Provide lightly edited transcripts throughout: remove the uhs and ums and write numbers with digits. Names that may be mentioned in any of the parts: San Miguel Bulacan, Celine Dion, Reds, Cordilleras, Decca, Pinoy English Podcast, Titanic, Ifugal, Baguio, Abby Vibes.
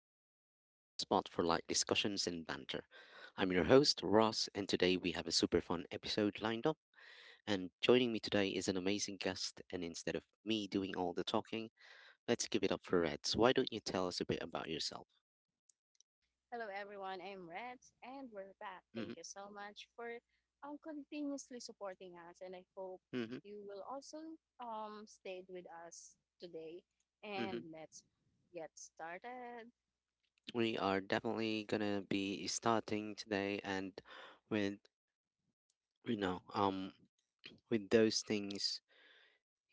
Podcast, your spot for light discussions and banter. I'm your host, Ross, and today we have a super fun episode lined up. And joining me today is an amazing guest, and instead of me doing all the talking, let's give it up for Reds. Why don't you tell us a bit about yourself? Hello, everyone. I'm Reds, and we're back. hmm Thank you so much for continuously supporting us, and I hope hmm you will also stay with us today. hmm And let's get started. We are definitely gonna be starting today and with, you know, um, with those things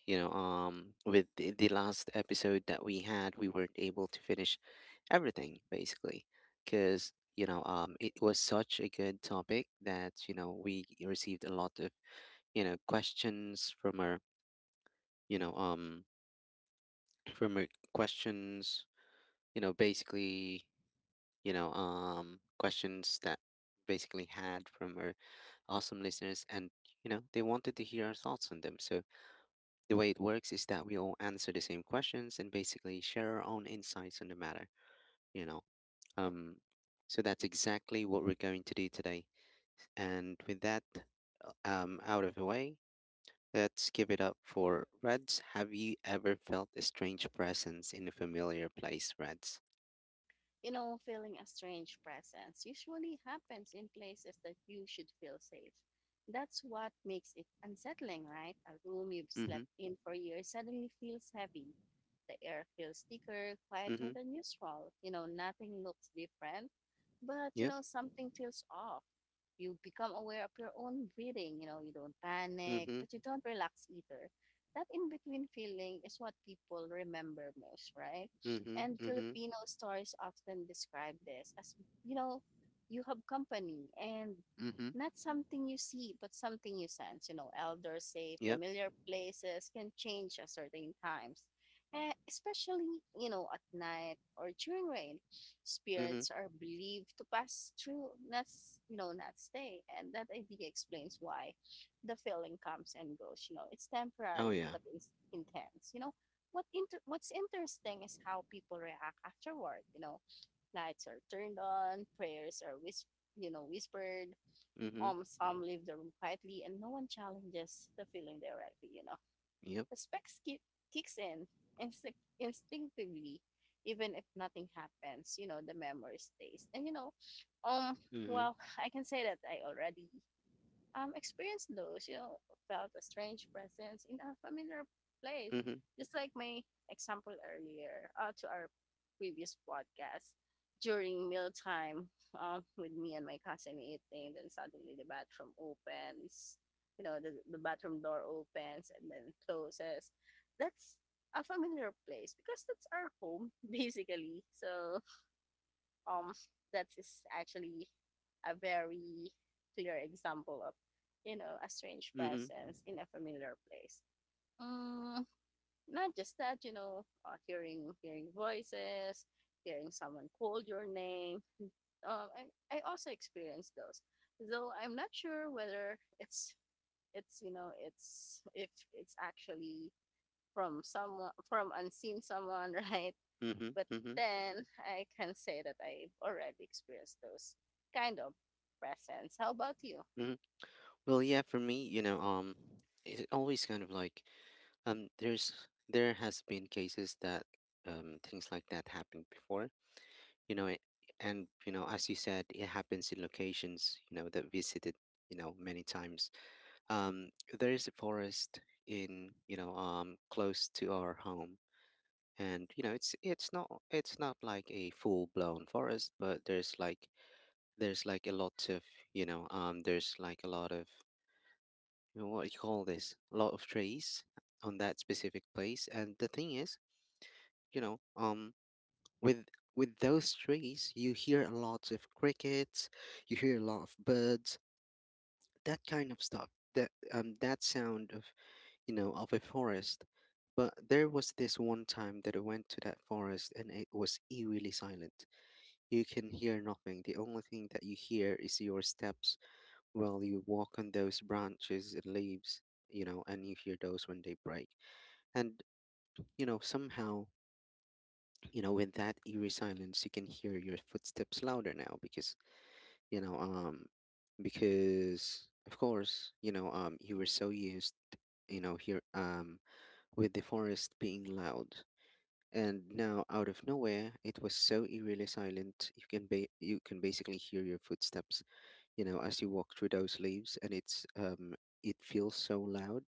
you know um with the last episode that we had we weren't able to finish everything basically because it was such a good topic that we received a lot of you know questions from our you know from our questions you know basically you know questions that basically had from our awesome listeners and they wanted to hear our thoughts on them so the way it works is that we all answer the same questions and basically share our own insights on the matter, you know. Um, so that's exactly what we're going to do today. And with that out of the way, let's give it up for Reds. Have you ever felt a strange presence in a familiar place, Reds? You know, feeling a strange presence usually happens in places that you should feel safe. That's what makes it unsettling, right? A room you've Mm-hmm. slept in for years suddenly feels heavy. The air feels thicker, quieter Mm-hmm. than usual. You know, nothing looks different, but you Yep. know, something feels off. You become aware of your own breathing. You know, you don't panic, Mm-hmm. but you don't relax either. That in between feeling is what people remember most, right? Mm-hmm. And Mm-hmm. Filipino stories often describe this as, you know, you have company and Mm-hmm. not something you see, but something you sense. You know, elders say Yep. familiar places can change at certain times, especially, you know, at night or during rain. Mm-hmm. Spirits are believed to pass through, not, s- you know, not stay. And that idea explains why the feeling comes and goes. You know, it's Oh temporary, yeah. but it's intense. You know, what's interesting is how people react afterward. You know, lights are turned on, you know whispered. Mm-hmm. Some leave the room quietly, and no one challenges the feeling directly. You know, Yep. respect ki- kicks in instinctively, even if nothing happens. You know, the memory stays, and um, Mm-hmm. well, I can say that I already experienced those, you know, felt a strange presence in a familiar place. Mm-hmm. Just like my example earlier to our previous podcast during mealtime, with me and my cousin eating, then suddenly the bathroom opens, you know, the bathroom door opens and then closes. That's a familiar place because that's our home, basically. So um that is actually a very clear example of, you know, a strange Mm-hmm. Mm-hmm. presence in a familiar place. um, Not just that, you know, hearing voices, hearing someone call your name. um, I also experienced those, though I'm not sure whether it's you know, it's if it's actually from someone, from unseen someone, right? Mm-hmm. But Mm-hmm. then I can say that I've already experienced those kind of presents. How about you? Well, yeah, for me, it always kind of like, there has been cases that things like that happened before, you know, and you know, as you said, it happens in locations, you know, that visited, you know, many times. Um, there is a forest in, you know, close to our home, and you know, it's not like a full blown forest, but there's like a lot of, you know, there's like a lot of you know, what you call this, a lot of trees on that specific place. And the thing is, you know, with with those trees, you hear a lot of crickets, you hear a lot of birds, that kind of stuff. That sound of you know of a forest. But there was this one time that I went to that forest and it was eerily silent. You can hear nothing. The only thing that you hear is your steps while you walk on those branches and leaves, you know, and you hear those when they break. And, you know, somehow, you know, in that eerie silence, you can hear your footsteps louder now because, you know, because of course, you know, you were so used, you know, here, with the forest being loud. And now, out of nowhere, it was so eerily silent. You can you can basically hear your footsteps, you know, as you walk through those leaves, and it feels so loud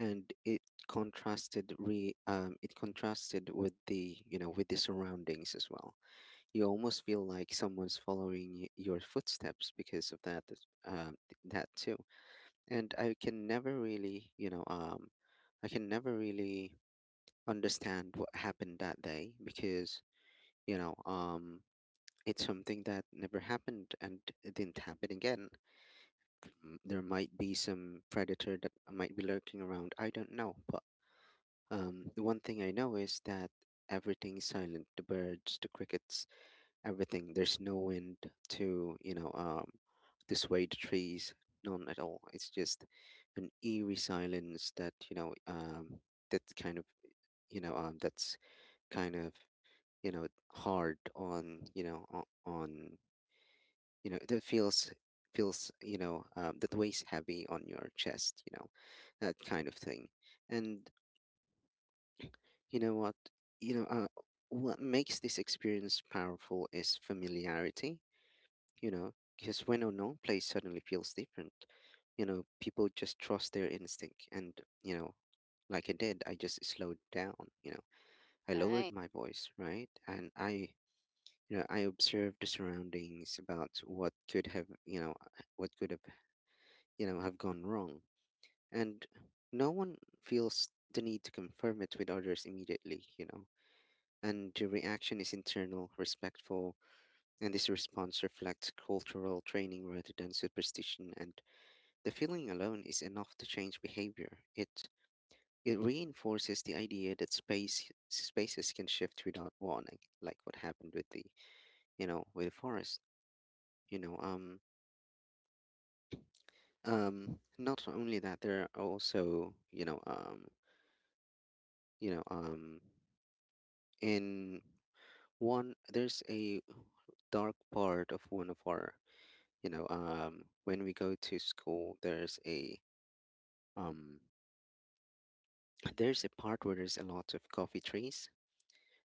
and it contrasted re it contrasted with the you know with the surroundings as well. You almost feel like someone's following your footsteps because of that too. And I can never really I can never really understand what happened that day because you know um, it's something that never happened and it didn't happen again. There might be some predator that might be lurking around. I don't know, but um, the one thing I know is that everything's silent. The birds, the crickets, everything. There's no wind to you know to sway the trees. None at all. It's just an eerie silence that that kind of that's kind of you know hard on you know on you know that feels you know that weighs heavy on your chest. You know that kind of thing. And you know what? You know, what makes this experience powerful is familiarity, you know, because when unknown place suddenly feels different, you know, people just trust their instinct. And, you know, like I did, I just slowed down, you know, I lowered Right, my voice, right? And I, you know, I observed the surroundings about what could have, you know, what could have, you know, have gone wrong. And no one feels the need to confirm it with others immediately, you know, and the reaction is internal, respectful, and this response reflects cultural training rather than superstition. And the feeling alone is enough to change behavior. It reinforces the idea that spaces can shift without warning, like what happened with the you know with the forest. You know, not only that, there are also you know, in one there's a dark part of one of our you know when we go to school there's a um there's a part where there's a lot of coffee trees,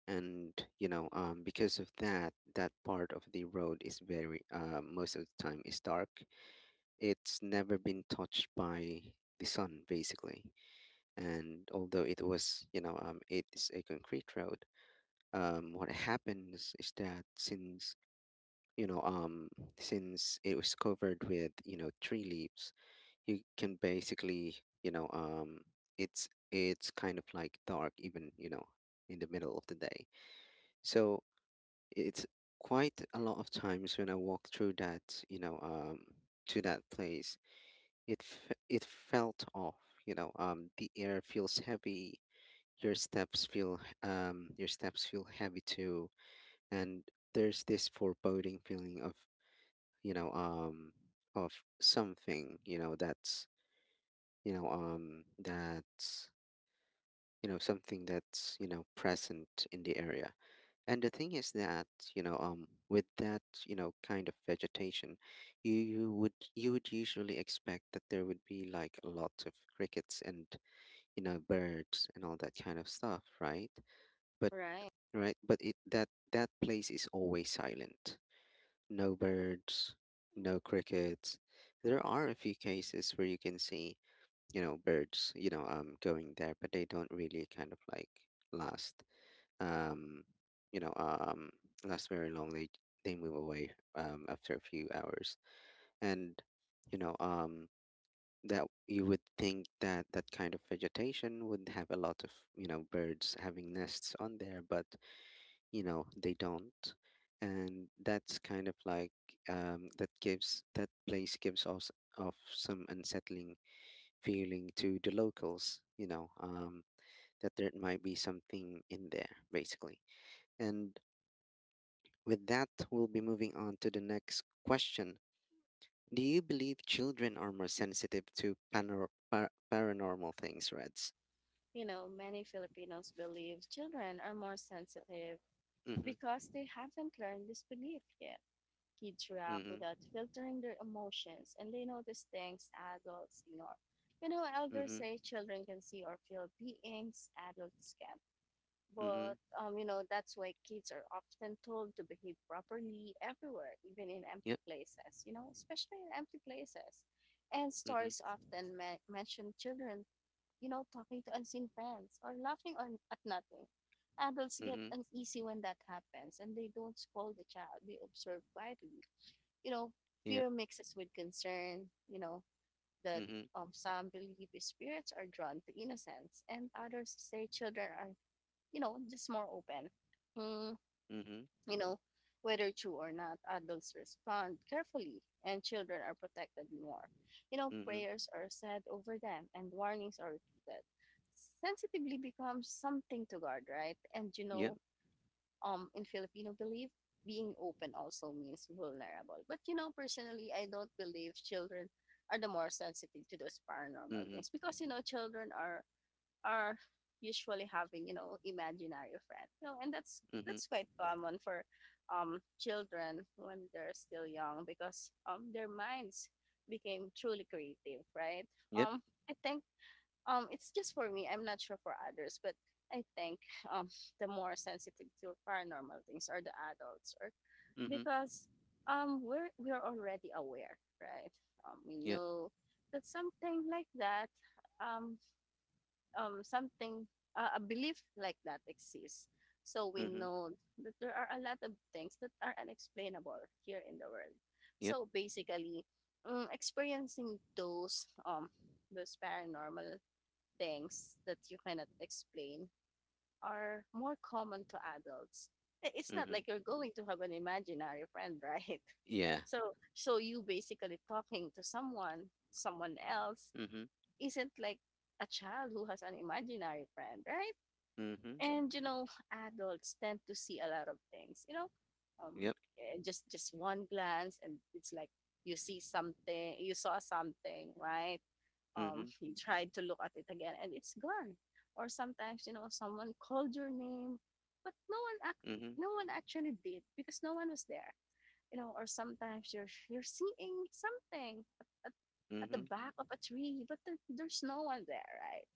and you know because of that that part of the road is very most of the time is dark. It's never been touched by the sun basically. And although it was you know it's a concrete road, what happens is that since you know since it was covered with you know tree leaves, you can basically you know it's kind of like dark even you know in the middle of the day. So it's quite a lot of times when I walk through that you know to that place, it felt off, you know the air feels heavy, your steps feel your steps feel heavy too, and there's this foreboding feeling of you know of something you know that's you know that's you know something that's you know present in the area. And the thing is that you know with that you know kind of vegetation, you would usually expect that there would be like a lot of crickets and you know birds and all that kind of stuff, right? but right. right but it that that place is always silent. No birds, no crickets. There are a few cases where you can see, you know, birds, you know, going there, but they don't really kind of like last, um, you know, last very long. They move away after a few hours, and you know, that you would think that that kind of vegetation would have a lot of, you know, birds having nests on there, but you know they don't, and that's kind of like that place gives us of some unsettling feeling to the locals you know that there might be something in there basically. And with that we'll be moving on to the next question. Do you believe children are more sensitive to paranormal things, Reds? You know, many Filipinos believe children are more sensitive Mm-hmm. because they haven't learned this belief yet. Kids react without Mm-hmm. filtering their emotions and they notice things adults ignore. You know, elders Mm-hmm. say children can see or feel beings adults can. Not But Mm-hmm. You know, that's why kids are often told to behave properly everywhere, even in empty Yep. places, you know, especially in empty places. And stories Mm-hmm. often mention children, you know, talking to unseen friends or laughing on, at nothing. Adults get Mm-hmm. uneasy when that happens and they don't scold the child, they observe quietly. You know, Yep. fear mixes with concern, you know, that, Mm-hmm. Some believe spirits are drawn to innocence, and others say children are, you know, just more open. Mm, Mm-hmm. you know, whether true or not, adults respond carefully and children are protected more. You know, Mm-hmm. prayers are said over them and warnings are repeated. Sensitively becomes something to guard, right? And you Yep. know, in Filipino belief, being open also means vulnerable. But you know, personally, I don't believe children are the more sensitive to those paranormal Mm-hmm. things because you know, children are usually having you know imaginary friends, you know, and that's Mm-hmm. that's quite common for children when they're still young because their minds became truly creative, right? Yep. Um i think, it's just for me, I'm not sure for others, but I think, um the more sensitive to paranormal things are the adults, or Mm-hmm. because we're already aware, right? We Yep. know that something like that, um something, a belief like that exists, so we Mm-hmm. know that there are a lot of things that are unexplainable here in the world. Yep. So basically, experiencing those paranormal things that you cannot explain are more common to adults. It's not Mm-hmm. like you're going to have an imaginary friend, right? Yeah. So so you basically talking to someone else Mm-hmm. isn't like a child who has an imaginary friend, right? Mm-hmm. And you know, adults tend to see a lot of things. You know, um, Yep. Just one glance, and it's like you see something, you saw something, right? Mm-hmm. you tried to look at it again, and it's gone. Or sometimes, you know, someone called your name, but Mm-hmm. no one actually did because no one was there, you know, or sometimes you're seeing something at the Mm-hmm. back of a tree, but there's no one there, right?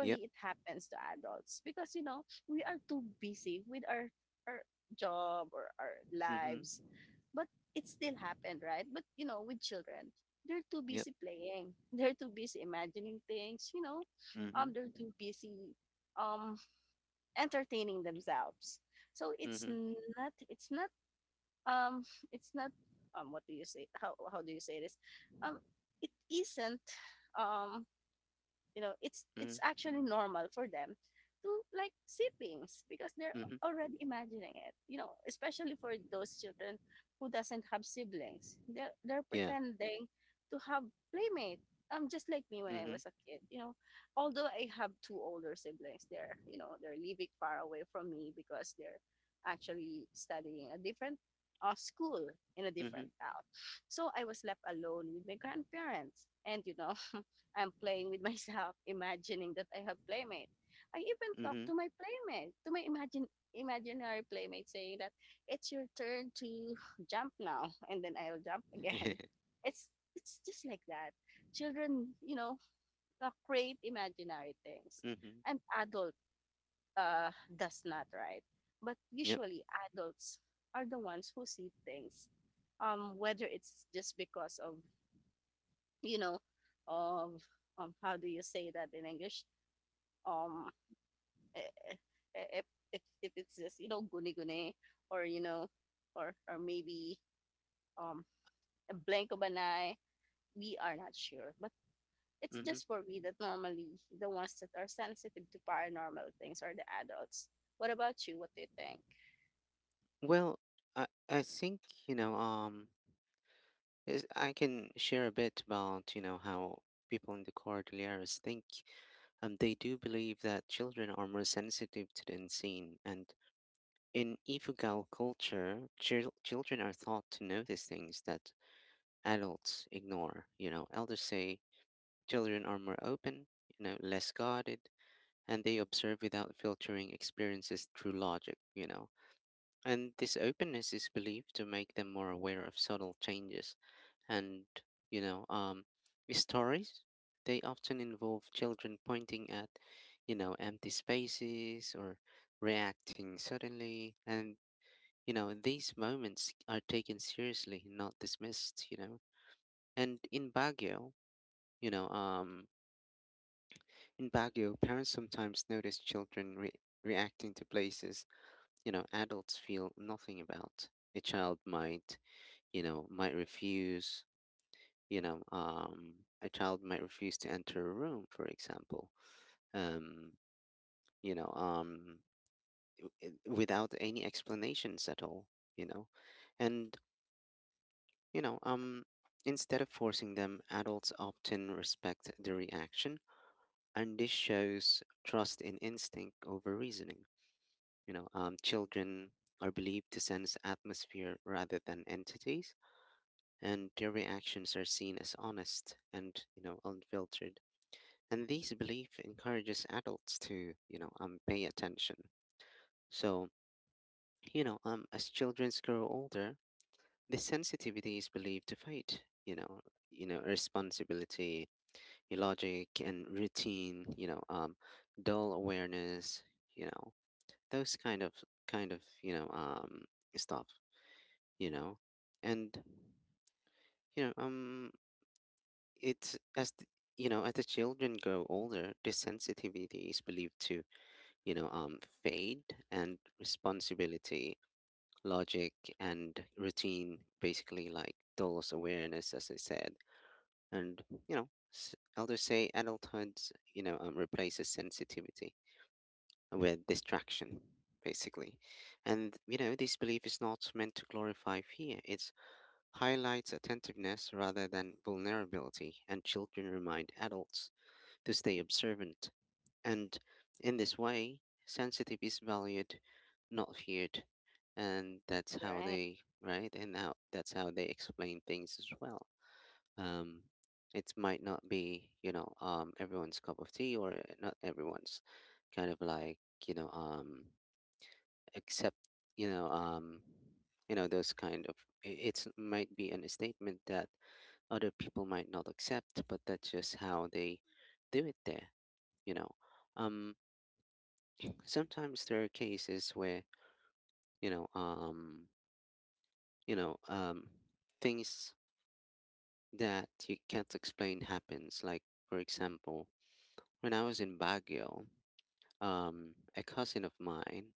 Yep. it happens to adults because you know we are too busy with our job or our Mm-hmm. lives, but it still happened, right? But you know, with children, they're too Yep. busy playing, they're too busy imagining things, you know, Mm-hmm. They're too busy um entertaining themselves, so it's Mm-hmm. not it's not um it's not, what do you say, how do you say this, um it isn't, um you know, Mm-hmm. it's actually normal for them to like see things because they're Mm-hmm. already imagining it, you know, especially for those children who doesn't have siblings, they're Yeah. pretending to have playmate. Just like me when I Mm-hmm. was a kid, you know, although I have two older siblings, they're, you know, they're living far away from me because they're actually studying a different school in a Mm-hmm. different town. So I was left alone with my grandparents, and you know, I'm playing with myself, imagining that I have playmate. I even talk Mm-hmm. to my playmate, to my imagine imaginary playmate, saying that it's your turn to jump now, and then I'll jump again. It's it's just like that. Children, you know, create imaginary things, Mm-hmm. and adult does not, right? But Yep. usually, adults are the ones who see things, whether it's just because of, you know, of, how do you say that in English, um eh, eh, if if it's just, you know, guni guni, or you know, or maybe, um a blank of, we are not sure, but it's Mm-hmm. just for me that normally the ones that are sensitive to paranormal things are the adults. What about you, what do you think? Well, I think you know I can share a bit about you know how people in the Cordilleras think. They do believe that children are more sensitive to the unseen. And in Ifugal culture, children are taught to notice things that adults ignore. You know, elders say children are more open, you know, less guarded, and they observe without filtering experiences through logic, you know. And this openness is believed to make them more aware of subtle changes. And, you know, stories, they often involve children pointing at, you know, empty spaces or reacting suddenly. And you know, these moments are taken seriously, not dismissed, you know. And in Baguio, you know, in Baguio, parents sometimes notice children reacting to places, you know, adults feel nothing about. A child might, you know, might refuse, you know, a child might refuse to enter a room, for example, um, you know, without any explanations at all, you know. And you know, instead of forcing them, adults often respect the reaction, and this shows trust in instinct over reasoning. You know, children are believed to sense atmosphere rather than entities, and their reactions are seen as honest and you know unfiltered. And these belief encourages adults to you know pay attention. So you know as children grow older, the sensitivity is believed to fade. Responsibility illogic and routine dull awareness you know those kind of kind of you know um stuff you know and you know um it's as the, as the children grow older, this sensitivity is believed to fade and responsibility, logic, and routine basically like dulls awareness, as I said. And elders say adulthood replaces sensitivity with distraction, basically. And, this belief is not meant to glorify fear. It highlights attentiveness rather than vulnerability, and children remind adults to stay observant. And in this way, sensitive is valued, not feared. And that's how Right. they, right? And how, that's how they explain things as well. Um, it might not be, everyone's cup of tea, or not everyone's kind of like, accept you know um those kind of — it might be an a statement that other people might not accept, but that's just how they do it there. you know um sometimes there are cases where you know um you know um things that you can't explain happens, like for example, when I was in Baguio, a cousin of mine,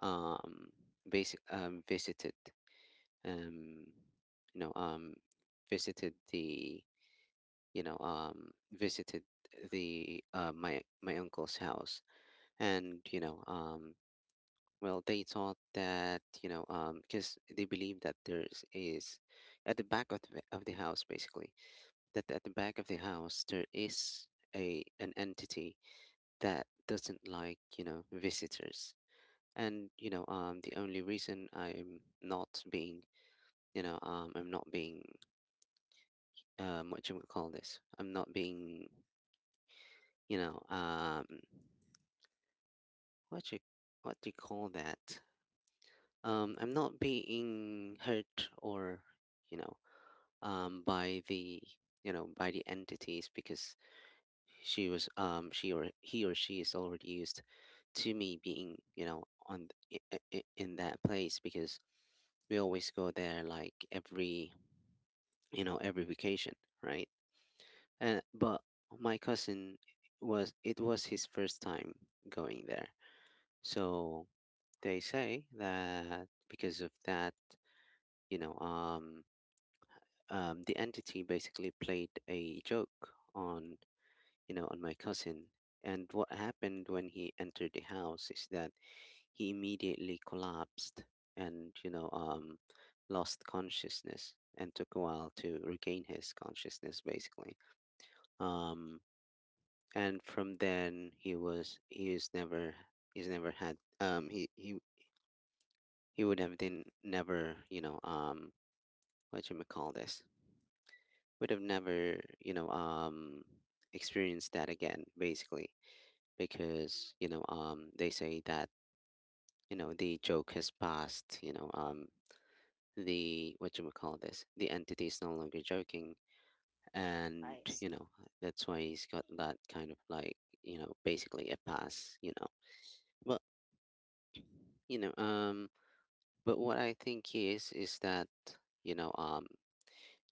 um basic visited um you know um visited the you know visited the my uncle's house. And well, they thought that, because they believe that there is at the back of the house, basically, that at the back of the house there is a an entity that doesn't like, visitors. And the only reason I'm not being I'm not being what you would call this, I'm not being you know um what you, what do you call that, I'm not being hurt or you know by the, by the entities, because she was, she, or he, or she is already used to me being, on in that place, because we always go there like every, every vacation, right? And but my cousin was, it was his first time going there. So they say that because of that, you know, um, the entity basically played a joke on, on my cousin. And what happened when he entered the house is that he immediately collapsed and lost consciousness and took a while to regain his consciousness, basically. Um, and from then, he was, he is never, he's never had, he he would have been never, what you may call this, would have never experienced that again, basically, because they say that, the joke has passed, the what you may call this, the entity is no longer joking. And I see. That's why he's got that kind of like, basically a pass, but you know um but what I think is that you know um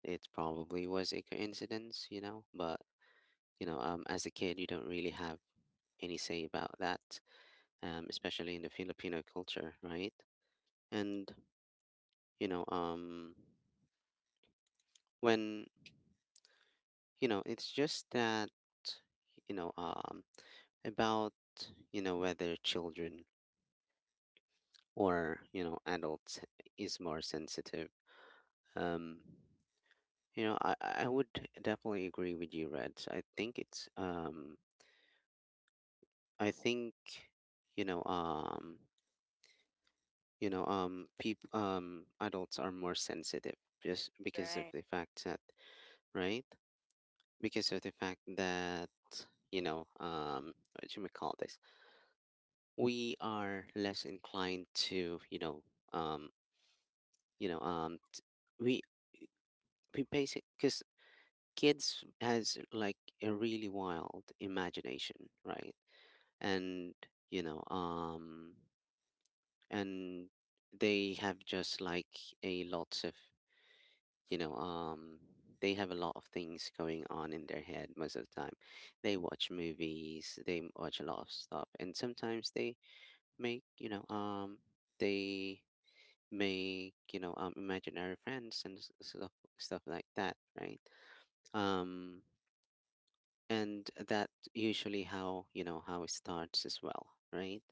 it probably was a coincidence, you know. But as a kid, you don't really have any say about that, especially in the Filipino culture, right? And you know um when it's just that you know um about whether children or adults is more sensitive. Um You know, I would definitely agree with you, Reds. I think it's, I think you know um people, adults are more sensitive just because of Right. the fact that, right, because of the fact that, what should we call this, we are less inclined to, um you know um t- we we basic, because kids has like a really wild imagination, right? And you know um and they have just like a lots of you know um they have a lot of things going on in their head most of the time. They watch movies, they watch a lot of stuff, and sometimes they make, they make, imaginary friends and stuff, stuff like that, right? um and that usually how, how it starts as well, right?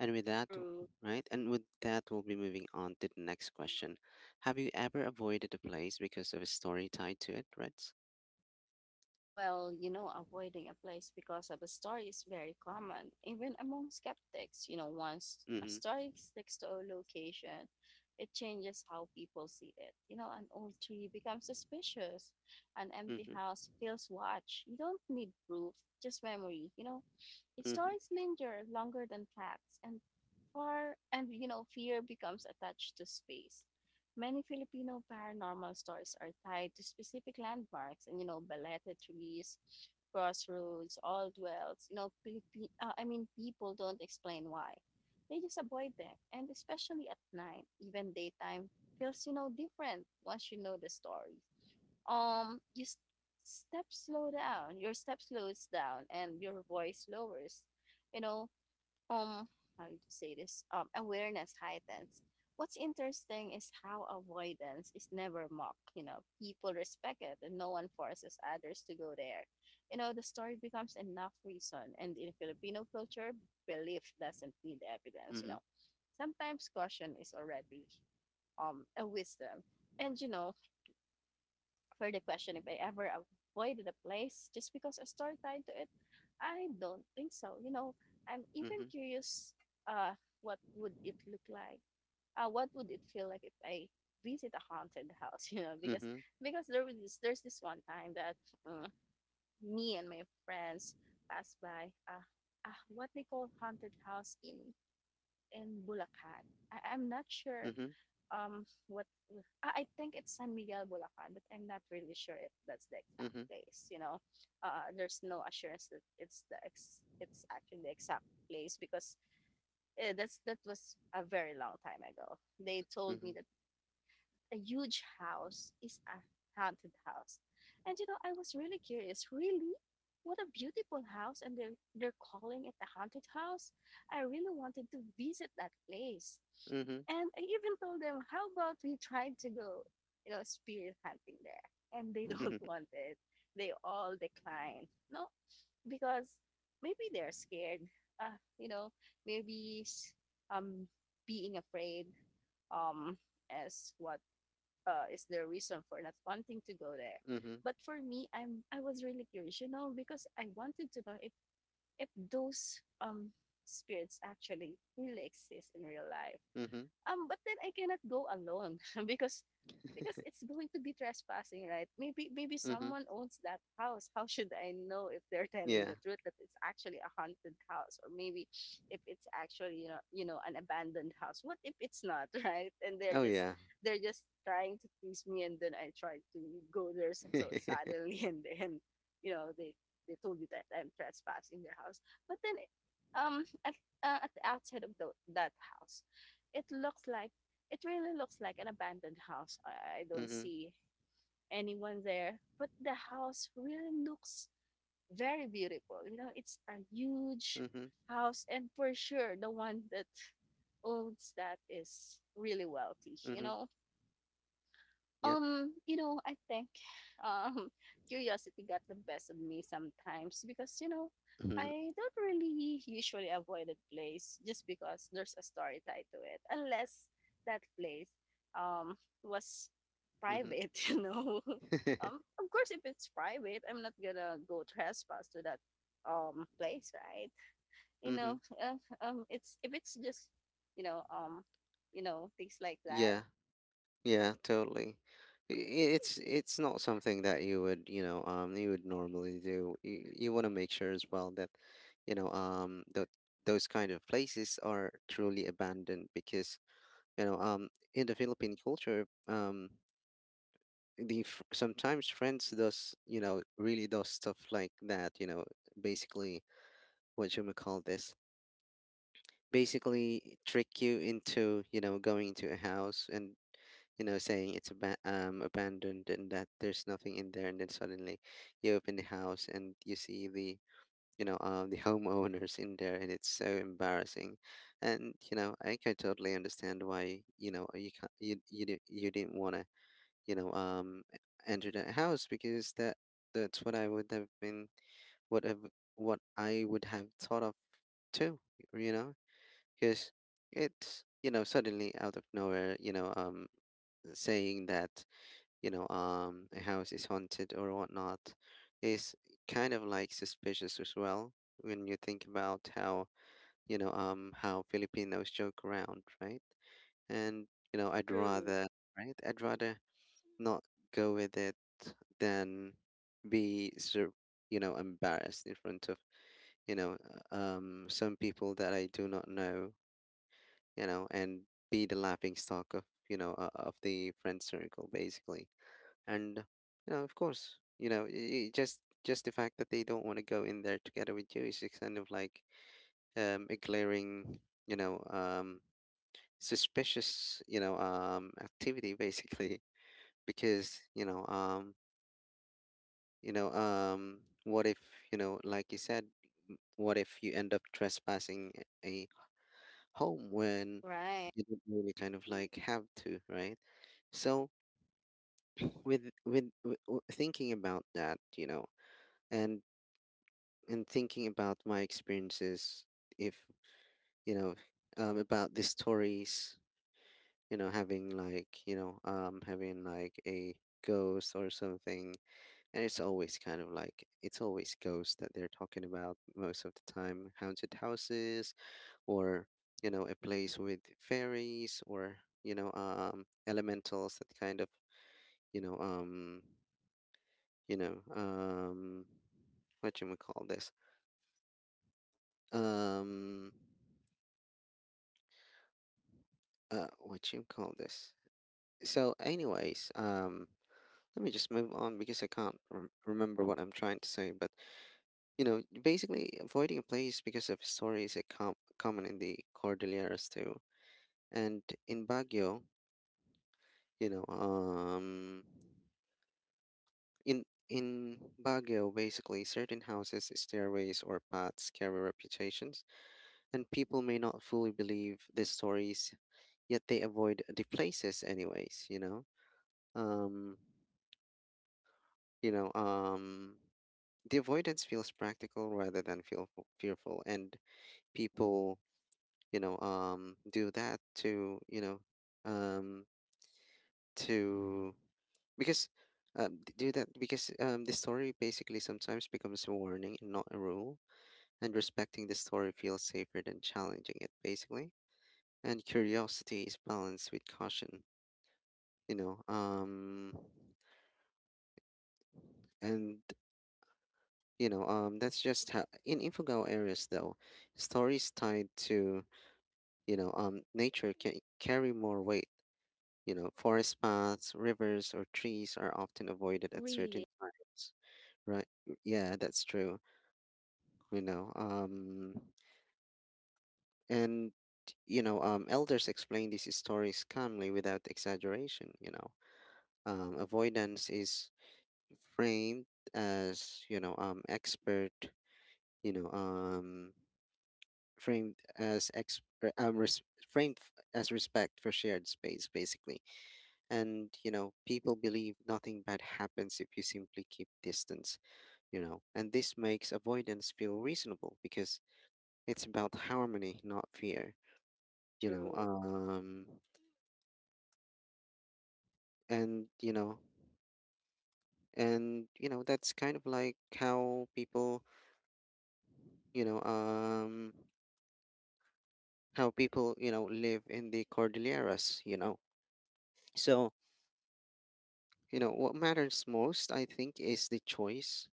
And with that, True. right? And with that, we'll be moving on to the next question. Have you ever avoided a place because of a story tied to it, Reds? Well, you know, avoiding a place because of a story is very common, even among skeptics. You know, once a Mm-hmm. story sticks to a location, it changes how people see it. You know, an old tree becomes suspicious, an empty Mm-hmm. house feels watched. You don't need proof, just memory. You know, Mm-hmm. stories linger longer than facts, and far and you know, fear becomes attached to space. Many Filipino paranormal stories are tied to specific landmarks and you know balete trees, crossroads, old dwells. You know, I mean, people don't explain why. They just avoid them, and especially at night, even daytime feels you know different once you know the story. um you s- your step slows down and your voice lowers, you know, um how do you say this, awareness heightens. What's interesting is how avoidance is never mocked, you know, people respect it and no one forces others to go there. You know, the story becomes enough reason, and in Filipino culture, belief doesn't need evidence, you Mm-hmm. know, sometimes caution is already, a wisdom. And you know, for the question if I ever avoided a place just because a story tied to it, I don't think so. You know, I'm even Mm-hmm. curious, uh, what would it look like? What would it feel like if I visit a haunted house? You know, because Mm-hmm. There's this one time that, uh, me and my friends passed by, what they call haunted house in Bulacan. I'm not sure Mm-hmm. What ah, I think it's San Miguel Bulacan, but I'm not really sure if that's the exact Mm-hmm. place. You know, there's no assurance that it's actually the exact place because, that's that was a very long time ago. They told Mm-hmm. me that a huge house is a haunted house. And you know, I was really curious, really? What a beautiful house, and they're calling it a haunted house. I really wanted to visit that place. Mm-hmm. And I even told them, how about we try to go, you know, spirit hunting there? And they don't want it. They all declined. No, because maybe they're scared. You know, maybe, um, being afraid, um, as what is their reason for not wanting to go there. Mm-hmm. But for me, I was really curious, you know, because I wanted to know if those spirits actually really exist in real life. Mm-hmm. But then I cannot go alone because because it's going to be trespassing, right? Maybe maybe Mm-hmm. someone owns that house. How should I know if they're telling Yeah. the truth that it's actually a haunted house, or maybe if it's actually you know an abandoned house? What if it's not, right? And Oh yeah. they're just trying to please me, and then I try to go there so so Mm-hmm. suddenly, and then you know they told you that I'm trespassing their house, but then um at at the outside of that house, it looks like, it really looks like an abandoned house. I don't see anyone there, but the house really looks very beautiful. You know, it's a huge Mm-hmm. house, and for sure, the one that owns that is really wealthy. Mm-hmm. Yep. You know, I think, um curiosity got the best of me sometimes because, you know, Mm-hmm. I don't really usually avoid a place just because there's a story tied to it. Unless that place, um was private, you know. Mm-hmm. Of course if it's private, I'm not gonna go trespass to that place, right? You Mm-hmm. know, uh, it's if it's just, you know, um, you know, things like that. Yeah. Yeah, totally. I- i- it's not something that you would, you would normally do. You want to make sure as well that, that those kind of places are truly abandoned because, you know, um, in the Philippine culture, the sometimes friends does, really does stuff like that, basically what you may call this, basically trick you into, going into a house and, saying it's abandoned and that there's nothing in there. And then suddenly you open the house and you see the, the homeowners in there, and it's so embarrassing. And, I can totally understand why, you can't, you, you didn't want to, you know, um, enter that house, because that, that's what I would have been, what, have, what I would have thought of too, you know? Because it's, suddenly out of nowhere, saying that, a house is haunted or whatnot, is kind of like suspicious as well when you think about how, how Filipinos joke around, right? And I'd True. rather, right, I'd rather not go with it than be sur- embarrassed in front of, you know some people that I do not know, and be the laughing stock of, of the friend circle, basically. And, of course, just the fact that they don't want to go in there together with you is just kind of like, a glaring, you know, um, suspicious, activity, basically, because, what if, like you said, what if you end up trespassing a home when Right. you don't really kind of like have to, right? So with, thinking about that, and and thinking about my experiences, if you know, about the stories, having like, having like a ghost or something. And it's always kind of like, it's always ghosts that they're talking about most of the time, haunted houses, or a place with fairies, or elementals that kind of, you know um you know um what you would call this, um what you call this. So anyways, let me just move on because I can't remember what I'm trying to say, but basically, avoiding a place because of stories is a common in the Cordilleras too. And in Baguio, you know, um, in Baguio, basically, certain houses, stairways, or paths carry reputations, and people may not fully believe these stories, yet they avoid the places anyways. Um, you know, um, the avoidance feels practical rather than feel fearful, and people do that to, um to, because, do that because, the story basically sometimes becomes a warning and not a rule, and respecting the story feels safer than challenging it, basically. And curiosity is balanced with caution. you know um and that's just how, in Infogao areas though, stories tied to, nature can carry more weight. You know, forest paths, rivers, or trees are often avoided at certain Really. times, right? Mm, yeah, that's true. You know, um, and elders explain these stories calmly without exaggeration. Avoidance is framed as, expert. You know, um, framed as um, res- framed as respect for shared space, basically. And people believe nothing bad happens if you simply keep distance. And this makes avoidance feel reasonable, because it's about harmony, not fear. you know True. um and and that's kind of like how people, you know um how people, live in the Cordilleras, so what matters most, I think, is the choice.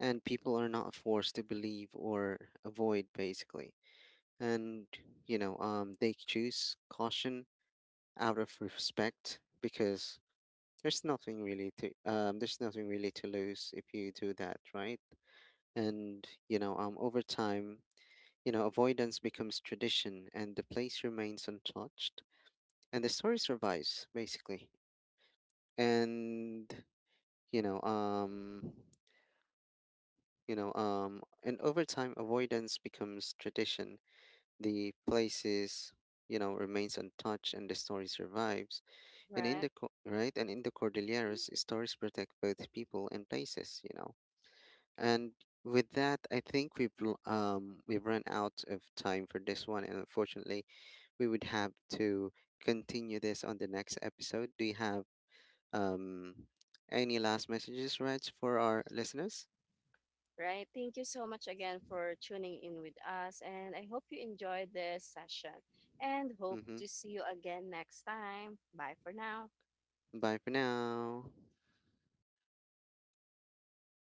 And people are not forced to believe or avoid, basically. And they choose caution out of respect, because there's nothing really to, there's nothing really to lose if you do that, right? And over time, avoidance becomes tradition, and the place remains untouched, and the story survives, basically. And you know um and over time, avoidance becomes tradition, the places, remains untouched, and the story survives. And in Right. the right, and in the Cordilleras, stories protect both people and places, you know. And with that, I think we've we've run out of time for this one, and unfortunately, we would have to continue this on the next episode. Do you have um any last messages, Reg, for our listeners? Right. Thank you so much again for tuning in with us. And I hope you enjoyed this session and hope Mm-hmm. to see you again next time. Bye for now. Bye for now.